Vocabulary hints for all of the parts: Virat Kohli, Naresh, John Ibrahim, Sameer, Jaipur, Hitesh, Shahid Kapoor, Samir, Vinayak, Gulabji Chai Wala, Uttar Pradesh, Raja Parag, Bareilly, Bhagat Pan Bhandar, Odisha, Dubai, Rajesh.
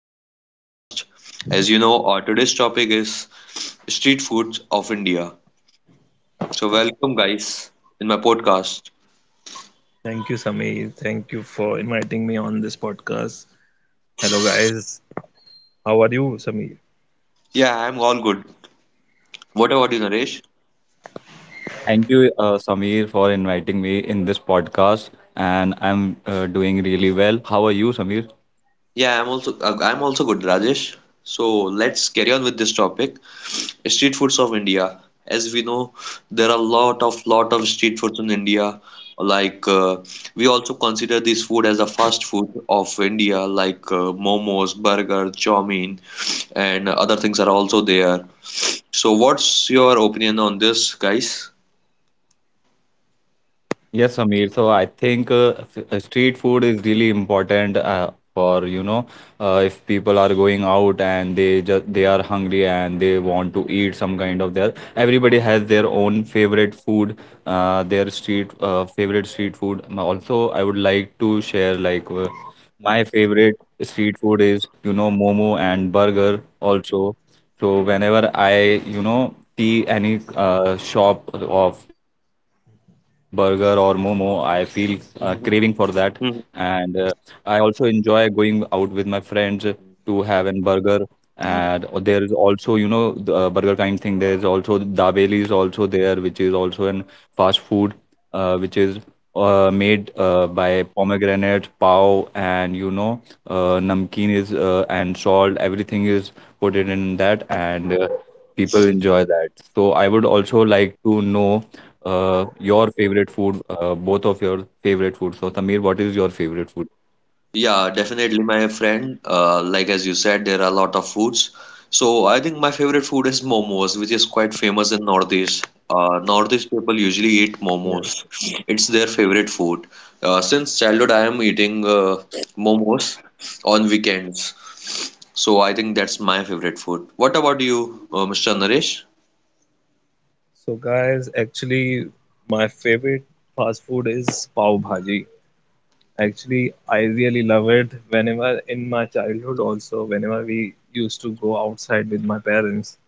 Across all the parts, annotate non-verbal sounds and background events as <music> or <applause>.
to my podcast. As you know, our today's topic is street foods of India. So, welcome, guys, in my podcast. Thank you, Sameer. Thank you for inviting me on this podcast. Hello, guys. How are you, Sameer? Yeah, I'm all good. What about you, Naresh? Thank you, Samir, for inviting me in this podcast, and I'm doing really well. How are you, Samir? Yeah, I'm also good, Rajesh. So let's carry on with this topic. Street foods of India. As we know, there are a lot of street foods in India. Like uh, we also consider this food as a fast food of India, like momos, burger, chow mein, and other things are also there. So, what's your opinion on this, guys? Yes, Amir. So I think street food is really important for if people are going out and they just they are hungry and they want to eat some kind of their everybody has their own favorite food, their street favorite street food. Also, I would like to share like my favorite street food is you know momo and burger also. So whenever I, you know, see any shop of burger or momo, I feel craving for that. Mhm. And I also enjoy going out with my friends to have an burger. And Mhm. There is also, you know, the burger kind thing. There is also Dabeli is also there, which is also an fast food, which is made by pomegranate, pav, and you know, namkeen is and salt. Everything is put it in that and people enjoy that. So I would also like to know your favorite food, both of your favorite food. So Sameer, what is your favorite food? Yeah, definitely, my friend. Like as you said, there are a lot of foods. So I think my favorite food is momos, which is quite famous in Northeast. Northeast people usually eat Yes. momos. It's their favorite food. Since childhood, I am eating momos on weekends. So I think that's my favorite food. What about you, Mr. Naresh? So, guys, actually, my favorite fast food is pav bhaji. Actually, I really love it. Whenever in my childhood, also, whenever we used to go outside with my parents,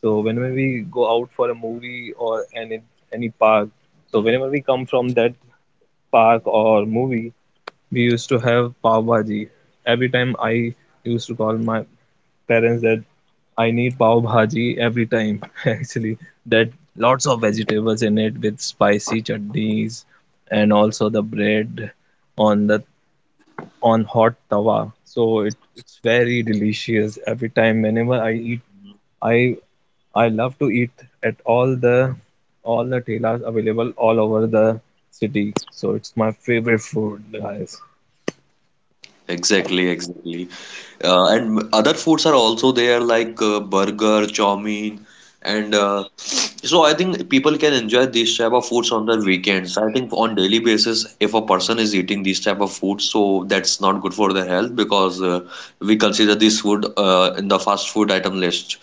so whenever we go out for a movie or any park, so whenever we come from that park or movie, we used to have pav bhaji. Every time I used to call my parents that I need pav bhaji every time, <laughs> actually, that lots of vegetables in it with spicy chutneys and also the bread on the on hot tawa. So it's very delicious every time. Whenever I eat, I I love to eat at all the telas available all over the city. So it's my favorite food, guys. Exactly, exactly. And other foods are also there like burger, chow mein, and so I think people can enjoy these type of foods on their weekends. I think on daily basis, if a person is eating these type of foods, so that's not good for their health because we consider this food in the fast food item list.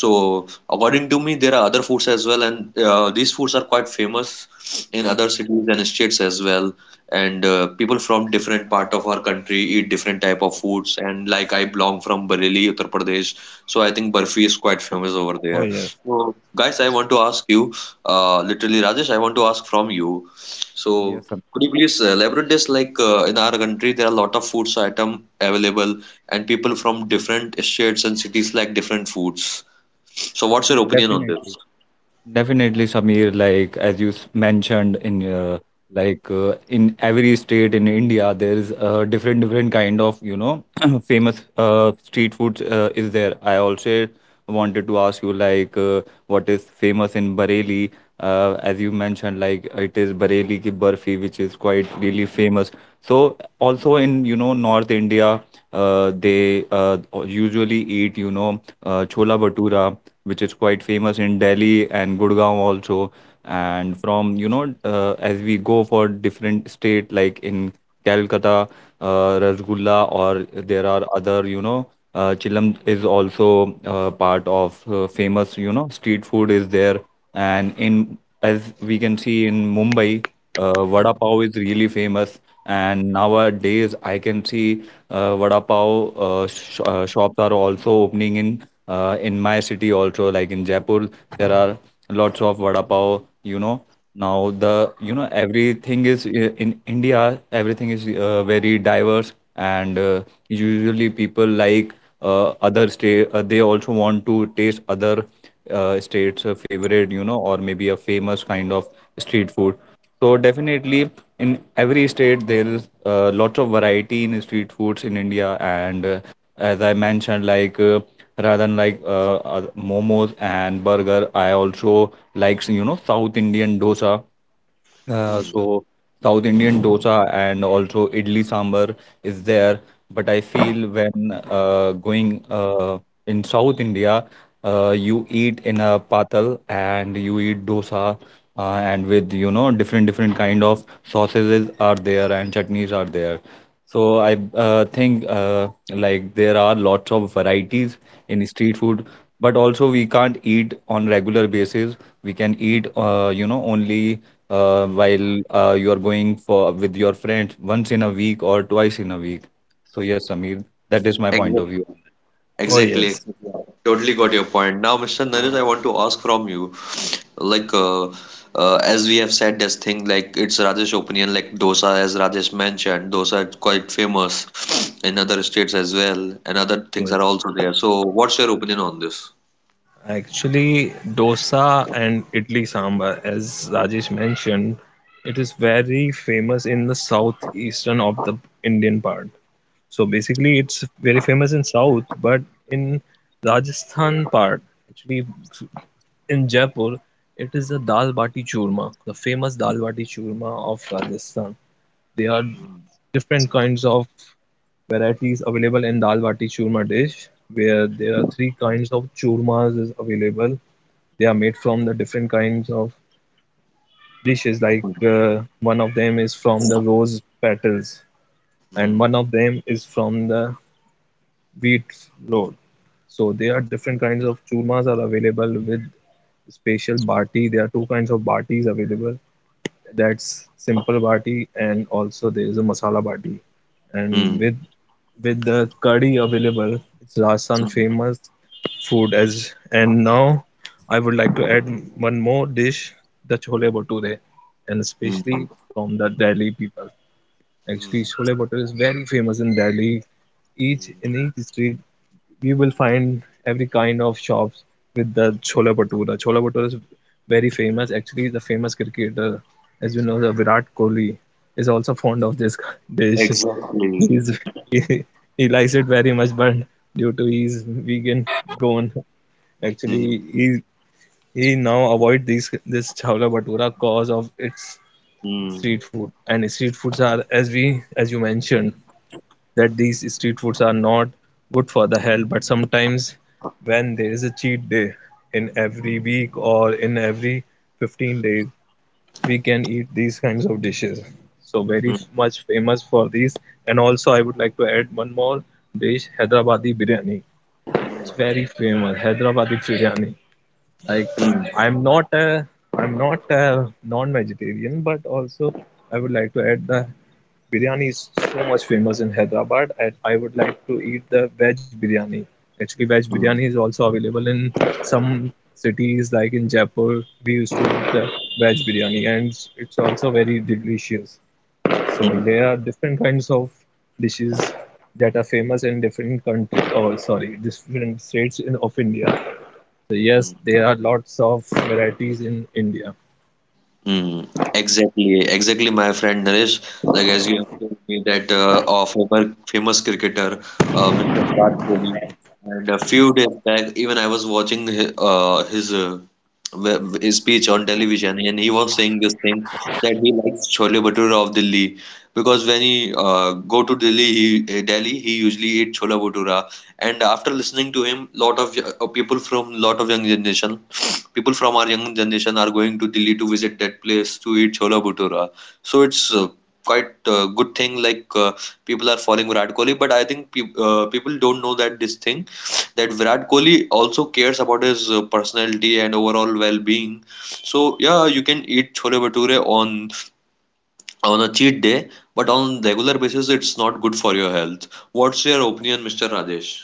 So according to me, there are other foods as well, and these foods are quite famous in other cities and states as well. And people from different part of our country eat different type of foods. And like I belong from Bareilly, Uttar Pradesh, so I think burfi is quite famous over Oh there. yes, So guys, I want to ask you, literally Rajesh, I want to ask from you. So Yes, Sam- could you please elaborate this? Like in our country, there are a lot of foods item available, and people from different states and cities like different foods. So what's your opinion on definitely. this? Definitely, Samir, like as you mentioned in like in every state in India, there is a different different kind of you know <clears throat> famous street foods is there. I also wanted to ask you like what is famous in Bareilly? As you mentioned, like it is Bareilly ki barfi, which is quite really famous. So also in you know North India they usually eat chola bhatura which is quite famous in Delhi and Gurgaon also, and from as we go for different state like in Calcutta, rasgulla, or there are other chilam is also part of famous you know street food is there. And in as we can see in Mumbai, vada pav is really famous, and nowadays I can see vada pav sh shops are also opening in my city also. Like in Jaipur, there are lots of vada pav. You know, now the you know everything is in India. Everything is very diverse, and usually people like other state. They also want to taste other states' favorite, you know, or maybe a famous kind of street food. So definitely, in every state there is lots of variety in street foods in India, and as I mentioned, like rather than momos and burger, I also likes you know South Indian dosa. Uh, Hmm. so South Indian dosa and also idli sambar is there, but I feel when going in South India, you eat in a patal and you eat dosa and with you know different different kind of sausages are there and chutneys are there. So I think like there are lots of varieties in street food, but also we can't eat on regular basis. We can eat you know only while you are going for with your friends once in a week or twice in a week. So yes, Samir, that is my point of view on Exactly. oh Exactly, yes. exactly. Totally got your point. Now, Mr. Naresh, I want to ask from you, like, as we have said, this thing, like, it's Rajesh opinion, like dosa, as Rajesh mentioned, dosa is quite famous in other states as well, and other things are Yes, also there. So, what's your opinion on this? actually, dosa and idli sambar, as Rajesh mentioned, it is very famous in the southeastern of the Indian part. So basically, it's very famous in south, but in Rajasthan part, actually in Jaipur, it is the dal bati churma, the famous dal bati churma of Rajasthan. There are different kinds of varieties available in dal bati churma dish, where there are three kinds of churmas is available. They are made from the different kinds of dishes, like Hmm. uh, one of them is from the rose petals, and one Hmm. of them is from the wheat flour. So there are different kinds of churmas are available with special bati. There are two kinds of batis available, that's simple bati, and also there is a masala bati, and with Hmm. with the curry available, it's Rajasthan famous food as. And now I would like to add one more dish, the chole bhature, and Hmm. especially Hmm. from the Delhi people. Actually, Hmm. chole bhature is very famous in Delhi. each Hmm. in each street you will find every kind of shops with the Chola Bhatura. Chola Bhatura is very famous. Hmm. Actually, the famous cricketer, as you know, the Virat Kohli, is also fond of this <laughs> dish. Exactly. He's, he, he likes it very much, but due to his vegan gone, actually Hmm. he now avoid these this Chola Bhatura cause of its Hmm. street food. And street foods are, as you mentioned, that these street foods are not good for the health, but sometimes when there is a cheat day, in every week or in every 15 days, we can eat these kinds of dishes. So very Hmm. much famous for these. And also I would like to add one more dish, hyderabadi biryani. Hmm. It's very famous hyderabadi biryani. Like, Hmm. i'm not a I'm not a non-vegetarian, but also I would like to add the Biryani is so much famous in Hyderabad, and I would like to eat the veg biryani. Actually, veg Hmm. biryani is also available in some cities, like in Jaipur. We used to eat the veg biryani, and it's also very delicious. So there are different kinds of dishes that are famous in different countries, or sorry, different states of India. So Hmm. yes, there are lots of varieties in India. Mm, exactly, exactly, my friend Naresh. Like as you have told me that of our famous cricketer, Mr. Virat Kohli, and a few days back, even I was watching his speech on television, and he was saying this thing that he likes chole bhatura of Delhi because when he go to Delhi, he usually eat chola bhatura, and after listening to him, lot of y- people from lot of young generation people from our young generation are going to Delhi to visit that place to eat chola bhatura. So it's quite a good thing. Like people are following Virat Kohli, but I think people don't know that this thing that Virat Kohli also cares about his personality and overall well-being. So yeah, you can eat chole bhature on a cheat day, but on regular basis it's not good for your health. What's your opinion, Mr. Radesh?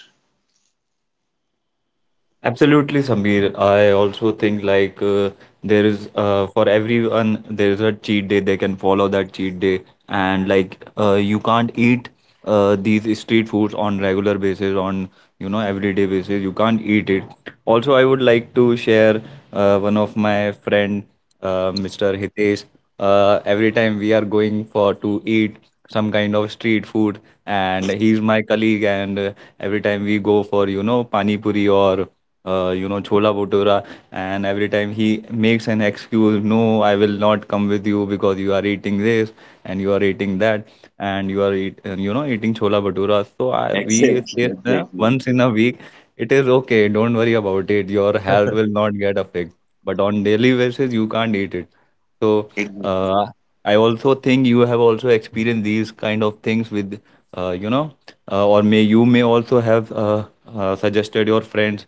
that. Absolutely, Samir. I also think like there is for everyone there is a cheat day. They can follow that cheat day, and like you can't eat these street foods on regular basis, on you know everyday basis. You can't eat it. Also, I would like to share one of my friend. Mr. Hitesh. Every time we are going for to eat some kind of street food, and he's my colleague. And every time we go for you know pani puri or you know chola bhatura, and every time he makes an excuse, no, I will not come with you because you are eating this and you are eating that and you know eating chola bhatura. So I, we Exactly, say exactly, once in a week, it is okay. Don't worry about it. Your health will not get affected, but on daily basis you can't eat it. So exactly. uh, I also think you have also experienced these kind of things with uh, you know or may you may also have suggested your friends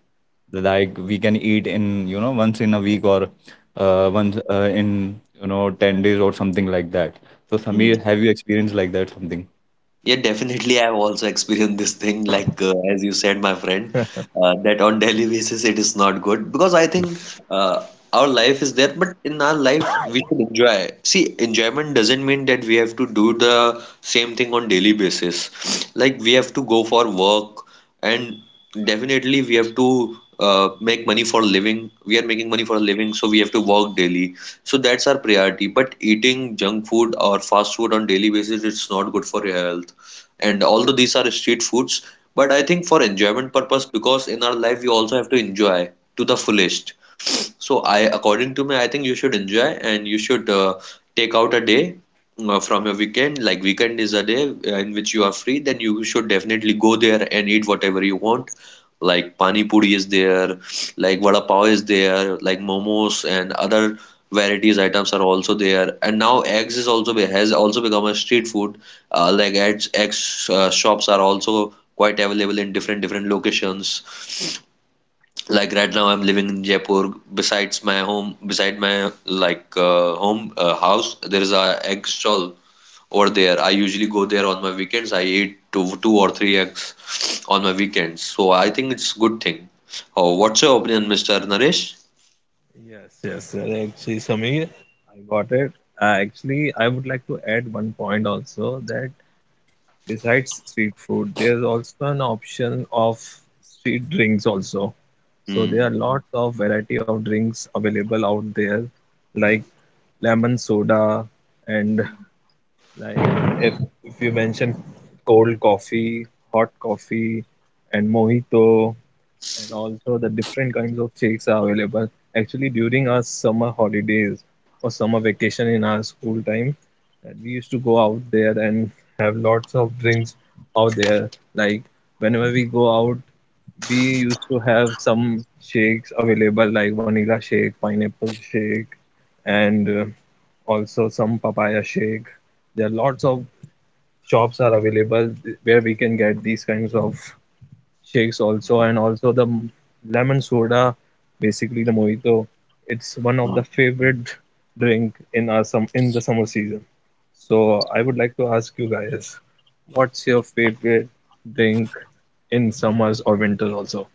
like we can eat in you know once in a week or once in you know 10 days or something like that. So Samir, Hmm. have you experienced like that something? Hmm. Yeah, definitely. I've also experienced this thing, like as you said, my friend, that on daily basis it is not good because I think uh, our life is there, but in our life we should enjoy. See, enjoyment doesn't mean that we have to do the same thing on daily basis. Like we have to go for work, and definitely we have to make money for living. We are making money for a living, so we have to work daily. So that's our priority. But eating junk food or fast food on daily basis, it's not good for your health, and although these are street foods, but I think for enjoyment purpose, because in our life we also have to enjoy to the fullest, so I, according to me, I think you should enjoy and you should take out a day from your weekend. Like weekend is a day in which you are free, then you should definitely go there and eat whatever you want. Like pani puri is there, like vada pav is there, like momos and other varieties items are also there. And now eggs is has also become a street food. Like eggs, eggs shops are also quite available in different different locations, like right now I'm living in Jaipur, besides my home, beside my like home house there is a egg stall. Over there I usually go there on my weekends. I eat two or three eggs on my weekends, so I think it's good thing. Oh, what's your opinion, Mr. Naresh? Yes, yes, sir. Actually, Sameer, I got it. Actually, I would like to add one point also that besides street food, there's also an option of street drinks also. So there are Hmm. lots of variety of drinks available out there, like lemon soda, and like if if you mention cold coffee, hot coffee, and mojito, and also the different kinds of shakes are available. Actually, during our summer holidays or summer vacation in our school time, we used to go out there and have lots of drinks out there. Like whenever we go out, we used to have some shakes available, like vanilla shake, pineapple shake, and also some papaya shake. There are lots of shops are available where we can get these kinds of shakes also, and also the lemon soda, basically the mojito. It's one of the favorite drink in our some in the summer season. So I would like to ask you guys, what's your favorite drink in summers or winter also?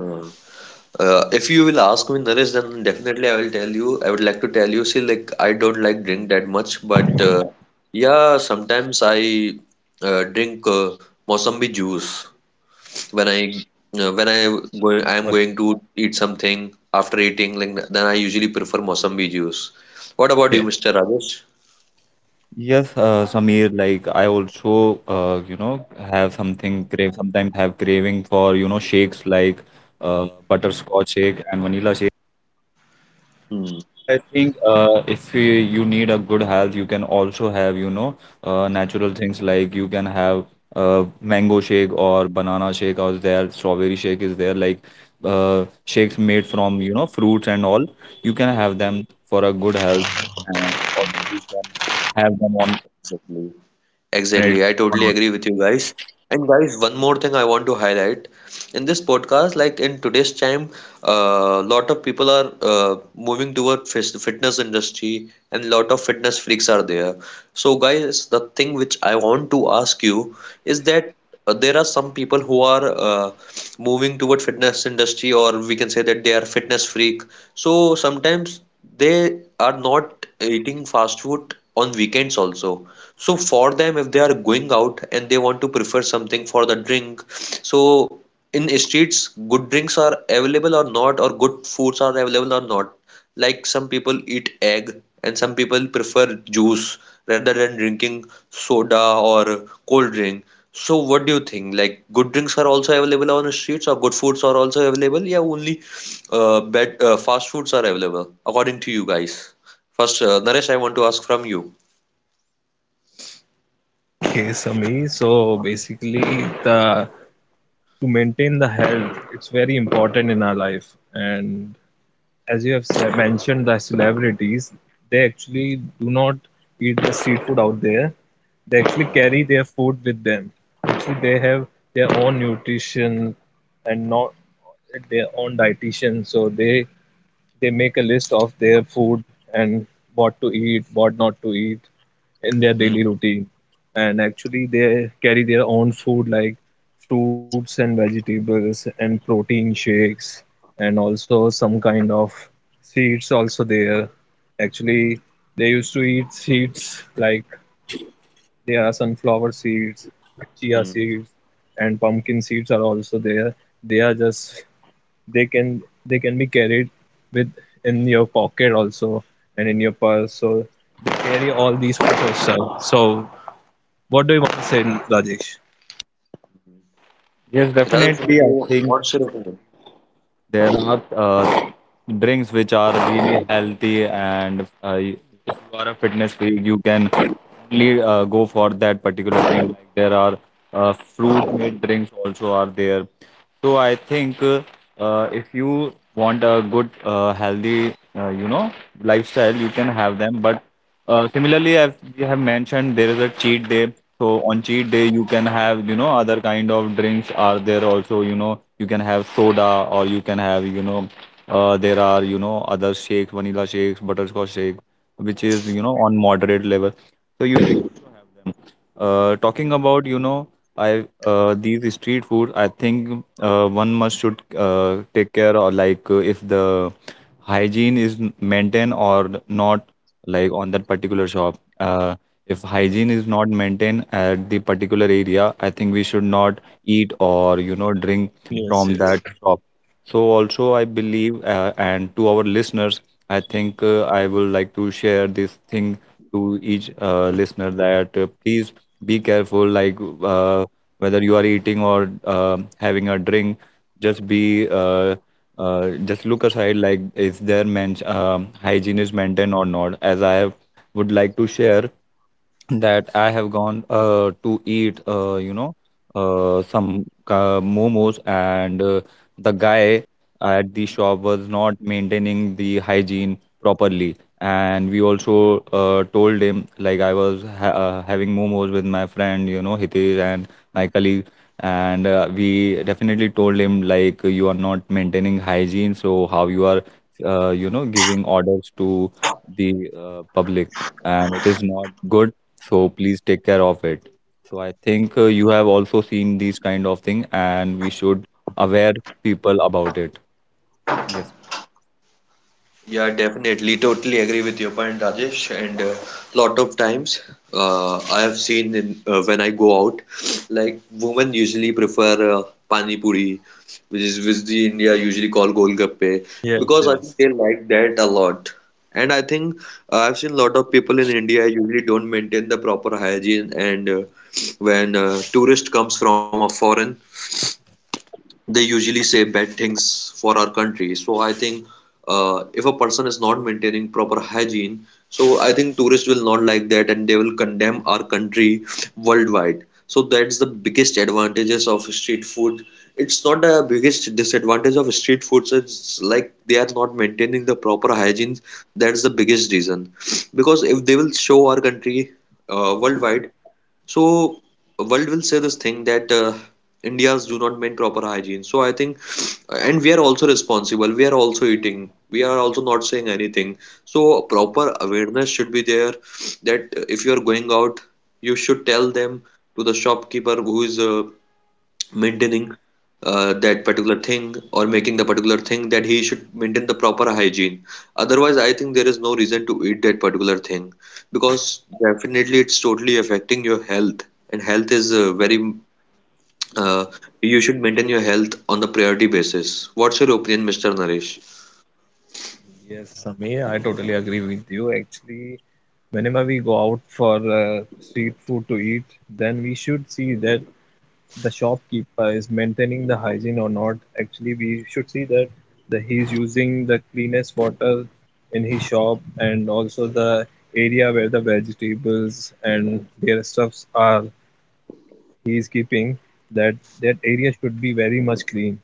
Uh, if you will ask me, Naresh, then definitely I will tell you. I would like to tell you, see, like I don't like drink that much, but yeah, sometimes I drink Mosambi juice. When I when I going I am going to eat something, after eating, like, then I usually prefer Mosambi juice. What about you, Okay. Mr. Rajesh? Yes, Samir, like I also, you know, have something crave, sometimes have craving for, you know, shakes like butterscotch shake and vanilla shake. Hmm, But I think if you need a good health, you can also have, you know, natural things like you can have mango shake or banana shake out there, strawberry shake is there, like shakes made from, you know, fruits and all. You can have them for a good health. And also you can have them on exactly. alternate Exactly. I one totally on. agree with you guys. And guys, one more thing I want to highlight in this podcast. Like in today's time, a lot of people are moving toward fitness industry, and lot of fitness freaks are there. So guys, the thing which I want to ask you is that there are some people who are moving toward fitness industry, or we can say that they are fitness freak. So sometimes they are not eating fast food on weekends also. So for them, if they are going out and they want to prefer something for the drink, so in streets, good drinks are available or not, or good foods are available or not. Like some people eat egg and some people prefer juice rather than drinking soda or cold drink. So what do you think, like good drinks are also available on the streets or good foods are also available, yeah, only bad fast foods are available, according to you guys? First, Naresh, I want to ask from you. Okay, Sami, so basically, the to maintain the health, it's very important in our life. And as you have mentioned, the celebrities, they actually do not eat the street food out there. They actually Hmm, carry their food with them. Actually, they have their own nutrition, and not their own dietitian, so they make a list of their food, and what to eat, what not to eat in their hmm, daily routine. And actually, they carry their own food like fruits and vegetables and protein shakes, and also some kind of seeds also there. Actually, they used to eat seeds like there are sunflower seeds, chia hmm. seeds, and pumpkin seeds are also there. They are just they can be carried with in your pocket also, and in your purse, so they carry all these photos, sir. So what do you want to say, Rajesh? Yes, Rajesh, definitely. I think what's your opinion? there are drinks which are really healthy, and if you are a fitness freak, you can only go for that particular thing. Like there are fruit-made drinks also are there. So I think if you want a good, healthy, you know, lifestyle, you can have them. But similarly, as we have mentioned, there is a cheat day. So on cheat day, you can have, you know, other kind of drinks are there also, you know, you can have soda or you can have, you know, there are, you know, other shakes, vanilla shakes, butterscotch shake, which is, you know, on moderate level. So you should also have them. Talking about, you know, I these street food, I think one must should take care or like if the hygiene is maintained or not like on that particular shop. If hygiene is not maintained at the particular area, I think we should not eat or you know drink Yes, from that yes, shop. So also I believe, and to our listeners, I think I will like to share this thing to each listener that please be careful, like uh, whether you are eating or having a drink, just be just look aside like is there men hygiene is maintained or not. As I have, would like to share that I have gone to eat, you know, some momos, and the guy at the shop was not maintaining the hygiene properly. And we also told him, like, I was ha having momos with my friend, you know, Hitesh and my colleague. And we definitely told him, like, you are not maintaining hygiene, so how you are, you know, giving orders to the public, and it is not good. So please take care of it. So I think you have also seen these kind of thing, and we should aware people about it. Yes. Yeah, definitely. Totally agree with your point, Rajesh. And a lot of times, I have seen in, when I go out, like women usually prefer pani puri, which is which the India usually call golgappe, because yes, I think they yes, like that a lot. And I think I've seen a lot of people in India usually don't maintain the proper hygiene, and when tourist comes from a foreign, they usually say bad things for our country. So I think if a person is not maintaining proper hygiene, so I think tourists will not like that and they will condemn our country worldwide. So that's the biggest advantages of street food. It's not the biggest disadvantage of street foods. It's like they are not maintaining the proper hygiene. That's the biggest reason. Because if they will show our country worldwide, so world will say this thing that Indians do not maintain proper hygiene. So I think, and we are also responsible. We are also eating. We are also not saying anything. So yes, proper awareness should be there, that if you are going out, you should tell them, to the shopkeeper who is maintaining that particular thing or making the particular thing, that he should maintain the proper hygiene. Otherwise, I think there is no reason to eat that particular thing, because definitely it's totally affecting your health, and health is very uh, you should maintain your health on the priority basis. What's your opinion, Mr. Naresh? yes, Samir, I totally agree with you. Actually, whenever we go out for street food to eat, then we should see that the shopkeeper is maintaining the hygiene or not. Actually, we should see that the he's using the cleanest water in his shop, and also the area where the vegetables and their stuffs are, he is keeping, that that area should be very much clean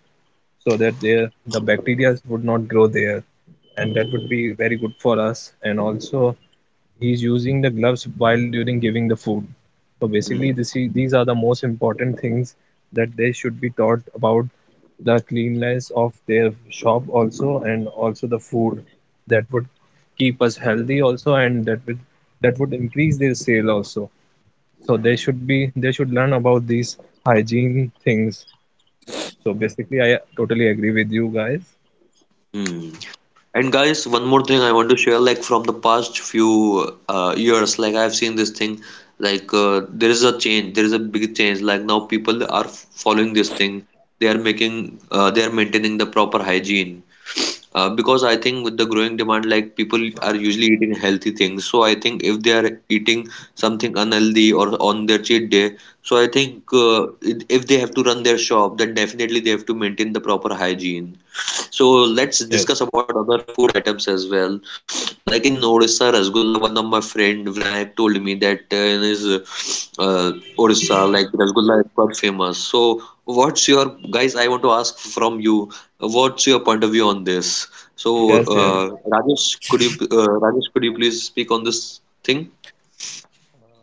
so that there the bacteria would not grow there, and that would be very good for us. And also, he's using the gloves while during giving the food. So Hmm. basically, these are the most important things that they should be taught about, the cleanliness of their shop also, and also the food, that would keep us healthy also, and that would increase their sale also. So they should learn about these hygiene things. So basically, I totally agree with you guys. Hmm. And guys, one more thing I want to share, like from the past few years, like I've seen this thing, like there is a change, there is a big change. Like now people are following this thing. They are making, they are maintaining the proper hygiene. Because I think with the growing demand, like people are usually eating healthy things. So I think if they are eating something unhealthy or on their cheat day, so I think if they have to run their shop, then definitely they have to maintain the proper hygiene. So let's Yes. discuss about other food items as well. Like in Yes, Odisha, Rasgulla, one of my friend Vinayak told me that in his uh, Odisha, like Rasgulla is quite famous. So what's your guys? I want to ask from you, what's your point of view on this? So yes. Yes. uh, Rajesh, could you please speak on this thing?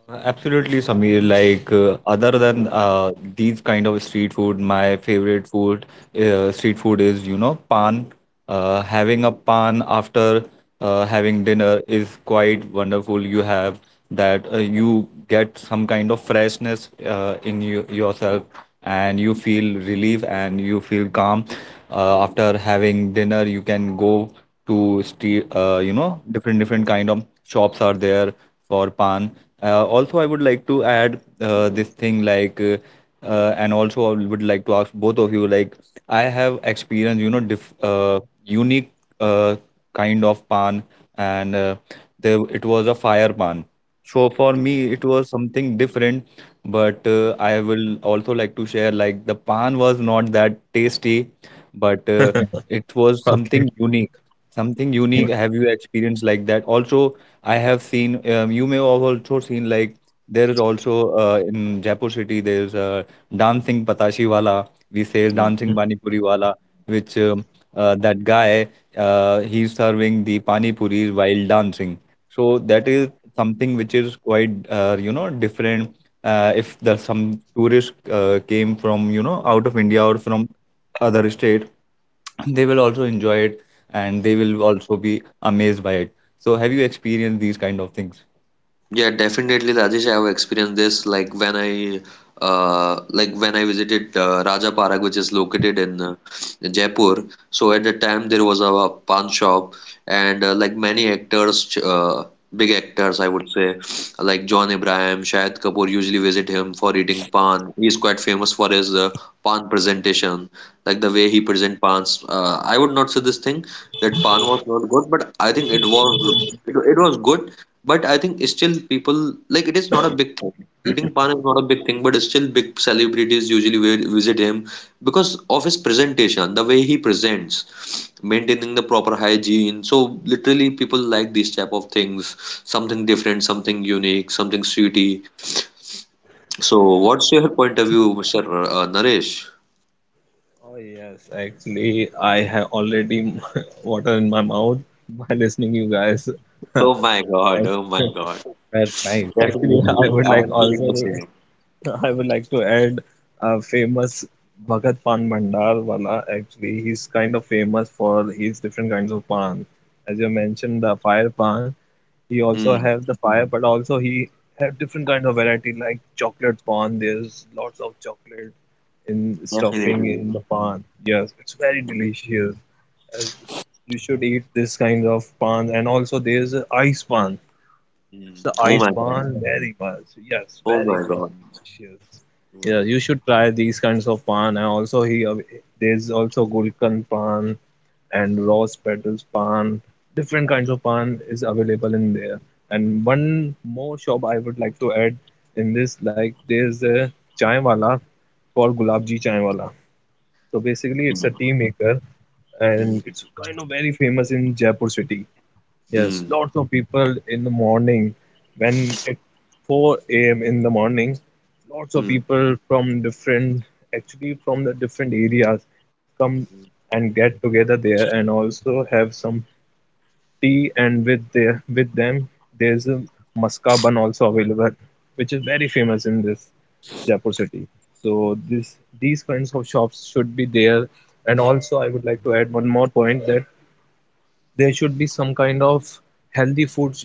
Absolutely, Samir, like other than these kind of street food, my favorite food street food is you know pan. Having a pan after having dinner is quite wonderful. You have that you get some kind of freshness in you, yourself, and you feel relief and you feel calm. After having dinner, you can go to street, you know, different different kind of shops are there for pan. Also, I would like to add this thing like and also I would like to ask both of you like I have experienced you know unique uh, kind of pan, and there it was a fire pan. So for me it was something different, but I will also like to share like the pan was not that tasty, but it was something Okay. unique, something unique. <laughs> Have you experienced like that also? I have seen you may have also seen like there is also in Jaipur city there is a dancing patashi wala, we say dancing pani puri wala, which that guy, he's serving the pani puris while dancing. So that is something which is quite you know different. If there's some tourist came from you know out of India or from other state, they will also enjoy it, and they will also be amazed by it. So have you experienced these kind of things? Yeah, definitely, Rajesh. I have experienced this like when I visited Raja Parag, which is located in Jaipur. So at the time there was a pawn shop, and like many actors, big actors, I would say, like John Ibrahim, Shahid Kapoor usually visit him for eating pan. He is quite famous for his pan presentation, like the way he present pans. I would not say this thing that pan was not good, but I think it was it was good, but I think still people like it is not a big thing. Eating pan is not a big thing, but still big celebrities usually visit him because of his presentation, the way he presents, maintaining the proper hygiene. So literally people like these type of things, something different, something unique, something sweetie. So what's your point of view, Naresh? Oh yes, actually, I have already <laughs> water in my mouth <laughs> by listening you guys. <laughs> Oh my God, Ac- oh my God. That's nice. Actually, I Definitely. would like I'm also feeling the same. to <laughs> I would like to add a famous Bhagat Pan Bhandar wala. Actually, he's kind of famous for his different kinds of pan. As you mentioned, the fire pan. He also Hmm, have the fire, but also he have different kind of variety like chocolate pan. There's lots of chocolate in stuffing definitely. in the pan. Yes, it's very delicious. As you should eat this kind of pan, and also there's a ice pan. Hmm. It's the Oh ice my God. bond very much. Yes, Oh very my much God. delicious. Yeah, you should try these kinds of pan. And also here, there's also gulkan pan and rose petals pan. Different kinds of pan is available in there. And one more shop I would like to add in this, like there's a chai wala called Gulabji Chai Wala. So basically, it's a tea maker, Hmm. and it's kind of very famous in Jaipur city. Yes, Mm, lots of people in the morning, when it's 4 a.m. in the morning, lots of mm, people actually from the different areas come and get together there, and also have some tea, and with them there's a muska bun also available, which is very famous in this Jaipur city. So this these kinds of shops should be there. And also I would like to add one more point, that there should be some kind of healthy foods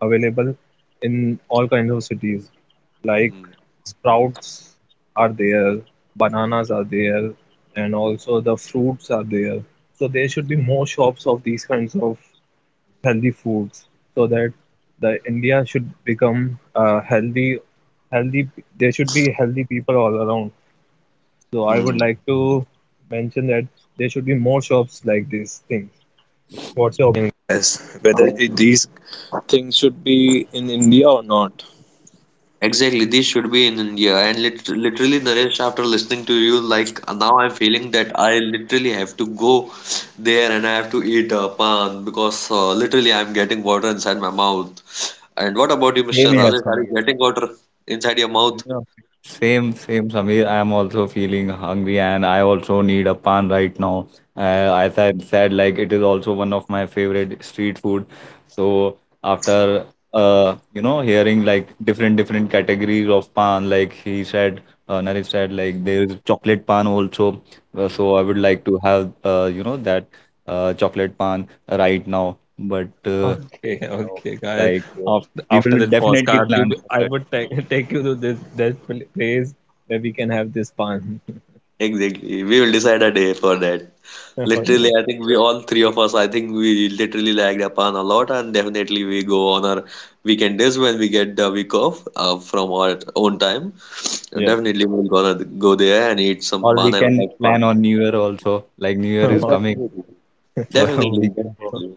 available in all kinds of cities, like mm, sprouts are there, mm, bananas are there, and also the fruits are there. So there should be more shops of these kinds of healthy foods so that the India should become healthy. There should be healthy people all around. So I mm. would like to mention that there should be more shops like these things. What's your— Exactly. Exactly. This should be in India. And literally, Naresh, after listening to you, like now I'm feeling that I literally have to go there and I have to eat a pan because literally I'm getting water inside my mouth. And what about you, Same Mr. here, Rajesh? Are you Samir. getting water inside your mouth? Yeah. Same, same, Samir. I'm also feeling hungry, and I also need a pan right now. Uh, as I said, like it is also one of my favorite street food. So after hearing like different categories of pan, like he said, Naresh said, like there is chocolate pan also. So I would like to have that chocolate pan right now. But Okay, you know, okay, guys. like uh, After we after will this definitely postcard, plan for I that. would take <laughs> take you to this place where we can have this fun. <laughs> Exactly. We will decide a day for that. Literally, Oh, I think we all three of us, I think we literally like Japan a lot, and definitely we go on our weekend days when we get the week off from our own time. yes, yes, Definitely, we're gonna go there and eat some Or we pan and can have plan fun. on New Year also, like New Year Yeah, is <laughs> coming, definitely. so <laughs> we Definitely, can go. definitely.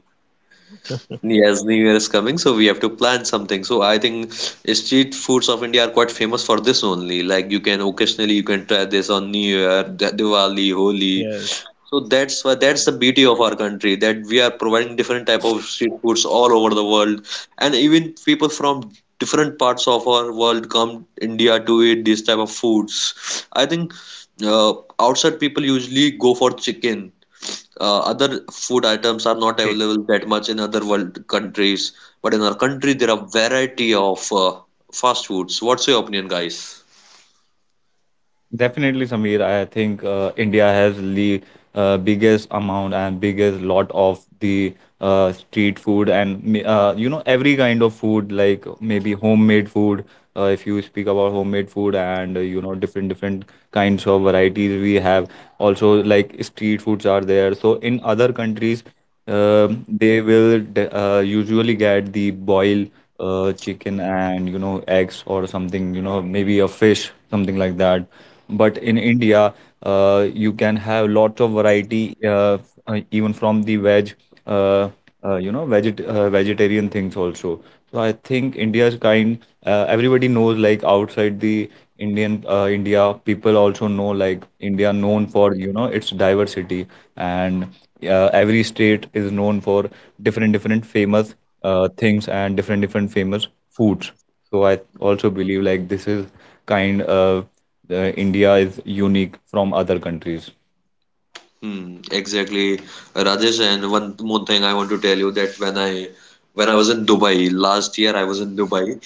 Yes, New Year is coming, so we have to plan something. So I think street foods of India are quite famous for this only. Like you can occasionally you can try this on New Year, Diwali, Holi. yes. So that's why that's the beauty of our country that we are providing different type of street foods all over the world, and even people from different parts of our world come India to eat these type of foods. I think uh, outside people usually go for chicken. Other food items are Okay. not available that much in other world countries, but in our Yes. country there are variety of fast foods. What's your opinion, guys? Definitely, Samir, I think India has the biggest amount and biggest lot of the street food and you know every kind of food, like maybe homemade food. If you speak about homemade food and you know different kinds of varieties we have, also like street foods are there. So in other countries, um they will usually get the boil chicken and you know eggs or something you know maybe a fish something like that, but in India you can have lots of variety even from the veg uh, you know vegetarian things also. So I think India's kind everybody knows like outside the India people also know like India known for you know its diversity, and every state is known for different famous things and different famous foods. So I also believe like this is kind of India is unique from other countries. Hmm, exactly, Rajesh. And one more thing I want to tell you that when I was in Dubai last year, I was in Dubai.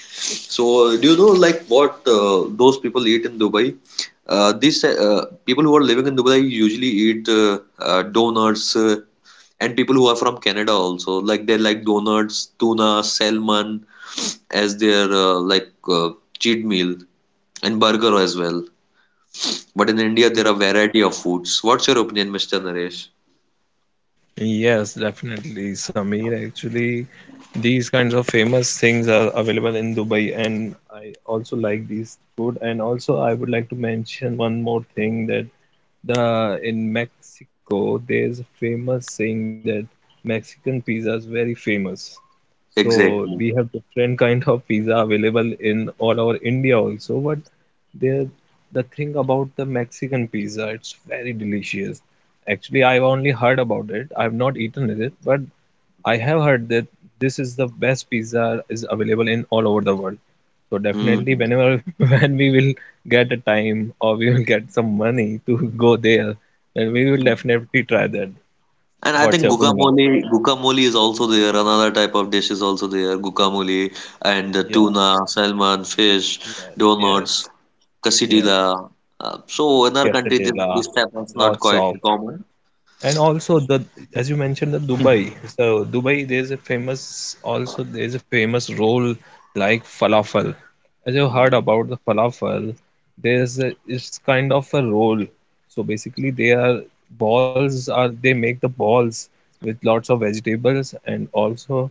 So do you know like what those people eat in Dubai? These people who are living in Dubai usually eat donuts, and people who are from Canada also like they like donuts, tuna, salmon as their cheat meal and burger as well. But in India, there are Yes. variety of foods. What's your opinion, Mr. Naresh? Yes, definitely, Sameer. Actually, these kinds of famous things are available in Dubai, and I also like these food. And also, I would like to mention one more thing, that the in Mexico, there's a famous saying that Mexican pizza is very famous. So we Exactly. have different kind of pizza available in all over India also, but there the thing about the Mexican pizza, it's very delicious. Actually, I've only heard about it. I've not eaten it, but I have heard that this is the best pizza is available in all over the world. So definitely Mm. whenever <laughs> when we will get a time, or we will get some money to go there, then we will definitely try that. And I What's think your opinion, guys? guacamole, guacamole is also there. Another type of dish is also there. Guacamole and the Yes, tuna, salmon, fish, donuts, yes, yeah. quesadilla. So in our country, this type is not Lots quite of common. And also the as you mentioned the Dubai. So Dubai, there's a famous roll like falafel. As you heard Mm. about the falafel, there's a it's kind of a roll, so basically they make the balls with lots of vegetables, and also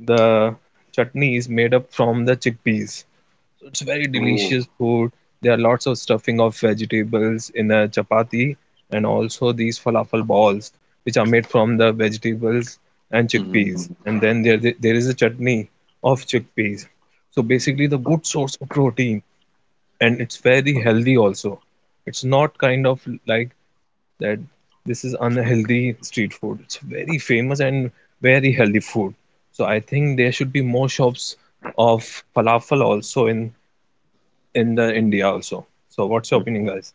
the chutney is made up from the chickpeas, so it's very delicious Oh. food. There are lots of stuffing of vegetables in a chapati, and also these falafel balls, which are made from the vegetables and chickpeas, and then there is a chutney of chickpeas, so Mm. basically the good source of protein, and it's very healthy also. It's not kind of like that this is unhealthy street food. It's very famous and very healthy food. So I think there should be more shops of falafel also in the India also. So what's your opinion, guys?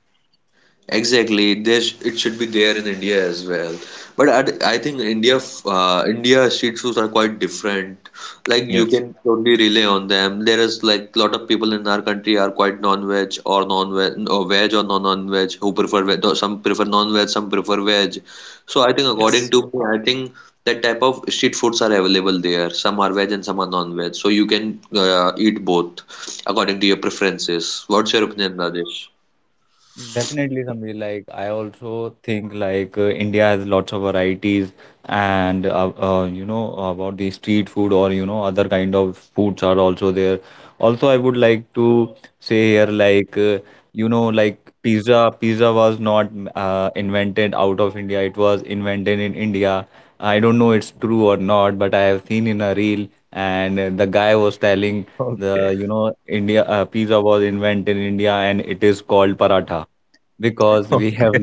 Exactly. There's it should be there in India as well. But I think India street foods are quite different. Like you Yes. can totally rely on them. There is like a lot of people in our country are quite non-veg or non-veg or veg or non-non-veg who prefer veg. Or Some prefer non-veg, some prefer veg. So I think according to me, I think that type of street foods are available there. Some are veg and some are non-veg. So you can eat both according to your preferences. What's your opinion, Rajesh? Definitely, Samir. Like I also think like India has lots of varieties, and you know about the street food or you know other kind of foods are also there. Also, I would like to say here like you know like pizza. Pizza was not invented out of India. It was invented in India. I don't know it's true or not, but I have seen in a reel and the guy was telling Okay. the you know India pizza was invented in India and it is called paratha, because we have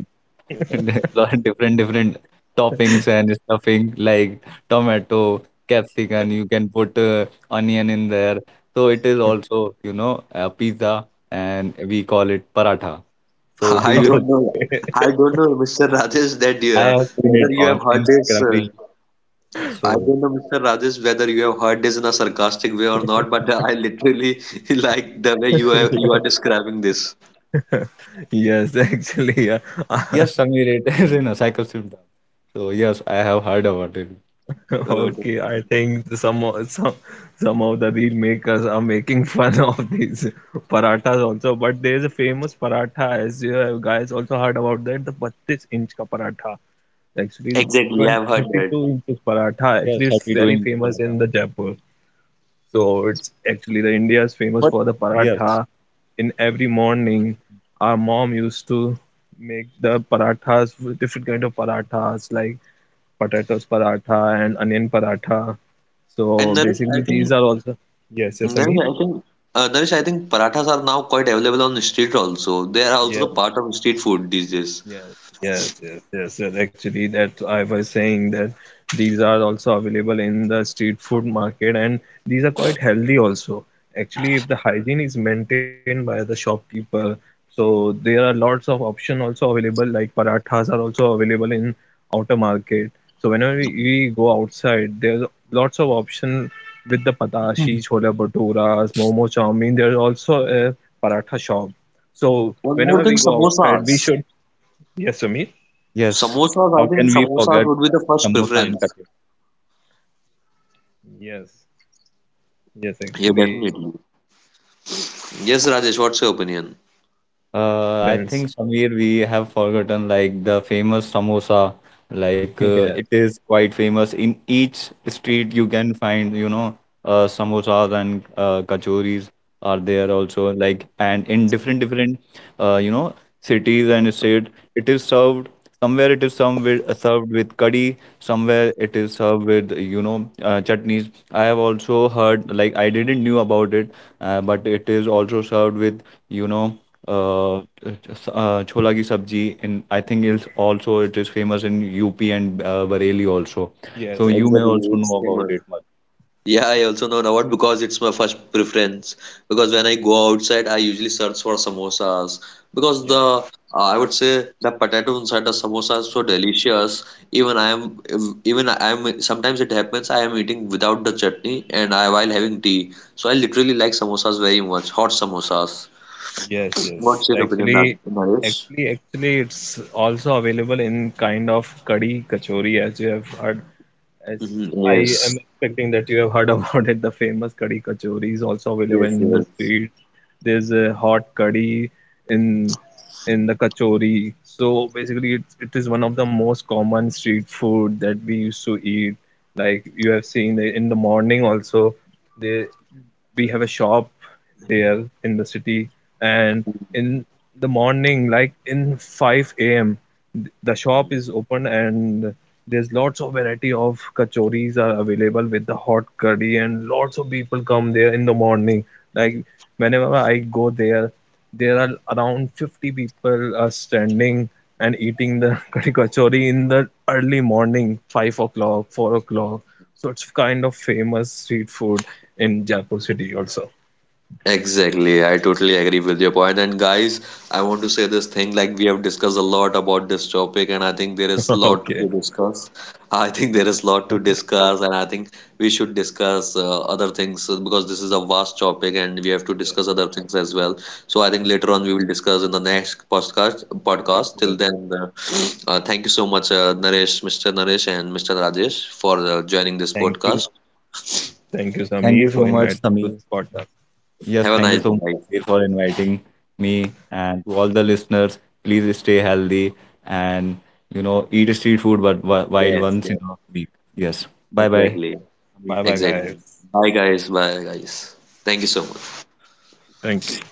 <laughs> lot different toppings and stuffing like tomato, capsicum. You can put onion in there. So it is also, you know, a pizza, and we call it paratha. So do I you? <laughs> don't <laughs> know. I don't know, Mr. Rajesh, that I have seen whether it you on have heard this. Instagram reel. I So don't know, Mr. Rajesh, whether you have heard this in a sarcastic way or not, but I literally <laughs> like the way you are describing this. Yes, actually, yeah. <laughs> yes, Samir, it <laughs> is in a cycle symptom. So yes, I have heard about it. <laughs> Uh, Okay, I think some of the real makers are making fun <laughs> of these parathas also. But there is a famous paratha, as you have guys also heard about that, the 32-inch ka paratha. Actually, the exactly, 20 I've heard that. 32 inches paratha. Yes, Actually, it's happy very doing famous paratha. in the Jaipur. So it's actually the India is famous But for the yes, paratha. In every morning, our mom used to make the parathas, different kind of parathas like potatoes paratha and onion paratha. So And Naresh, basically, I these think are also— yes, yes, Naresh, Amir. I think Naresh, I think parathas are now quite available on the street also. They are also the Yes, part of street food these days. yes, yes, yes, yes, yes. Actually, that I was saying, that these are also available in the street food market, and these are quite healthy also. Actually, if the hygiene is maintained by the shopkeeper, so there are lots of option also available, like parathas are also available in outer market. So whenever we go outside, there's lots of option with the patashi, <laughs> chola bhaturas, momo chow mein. There's also a paratha shop. So One more whenever thing, we go outside, we samosas. should— Yes, Amit. yes, Samosas, I how can think we samosas forget would be the first samosa and preference. katya? Yes, yes. Yeah, definitely. Actually, we should Yes, prefer Rajesh, what's the your opinion? parathas in first I preference. think Samir, we have forgotten like the famous samosa. Like <laughs> Yeah. it is quite famous. In each street, you can find, you know, samosas and kachoris are there also. Like and in different different, you know, cities and state, it is served. Somewhere it is some with, served with curry. Somewhere it is served with, you know, chutneys. I have also heard like I didn't knew about it, but it is also served with, you know uh, chola ki sabji, and I think it's also it is famous in UP and Bareilly also. So Yes. you may Yeah. Exactly, also it's know about famous. it much. Yeah, I also know about because it's my first preference. Because when I go outside, I usually search for samosas because the Yes. I would say the potato inside the samosa is so delicious. Even I am even I am sometimes it happens I am eating without the chutney and I while having tea. So I literally like samosas very much, hot samosas. What's your opinion, Actually, Rajesh? actually, it's also available in kind of kadi kachori, as you have heard. As Hmm. I am Yes. expecting that you have heard <laughs> about it, the famous kadhi kachori is also available Yes, in the yes. streets. There's a hot kadhi in the kachori. So basically, it is one of the most common street food that we used to eat. Like you have seen in the morning also, they we have a shop there in the city, and in the morning, like in 5 a.m., the shop is open, and there's lots of variety of kachoris are available with the hot curry, and lots of people come there in the morning. Like whenever I go there, there are around 50 people are standing and eating the <laughs> curry kachori in the early morning 5 o'clock 4 o'clock. So it's kind of famous street food in Jaipur city also. <laughs> Exactly, I totally agree with your point. And guys, I want to say this thing like we have discussed a lot about this topic, and I think there is lot Okay. to discuss. <laughs> I think there is lot to discuss, and I think we should discuss other things because this is a vast topic, and we have to Yeah, discuss other things as well. So I think yeah. later on we will discuss in the next podcast. Podcast. Till then, thank you so much, Mr. Naresh, and Mr. Rajesh for joining this Thank you. podcast. Thank you, Sameer, Thank you for so inviting much, me to this Sameer. podcast. Yes, Have a thank you nice so day, much guys. Sameer, for inviting me and to all the listeners. Please stay healthy and you know eat street food, but while Yes, once in yes, a week. Yes. Bye bye. exactly. Bye bye, Exactly. guys. Bye, guys. Bye, guys. Thank you so much. Thank you.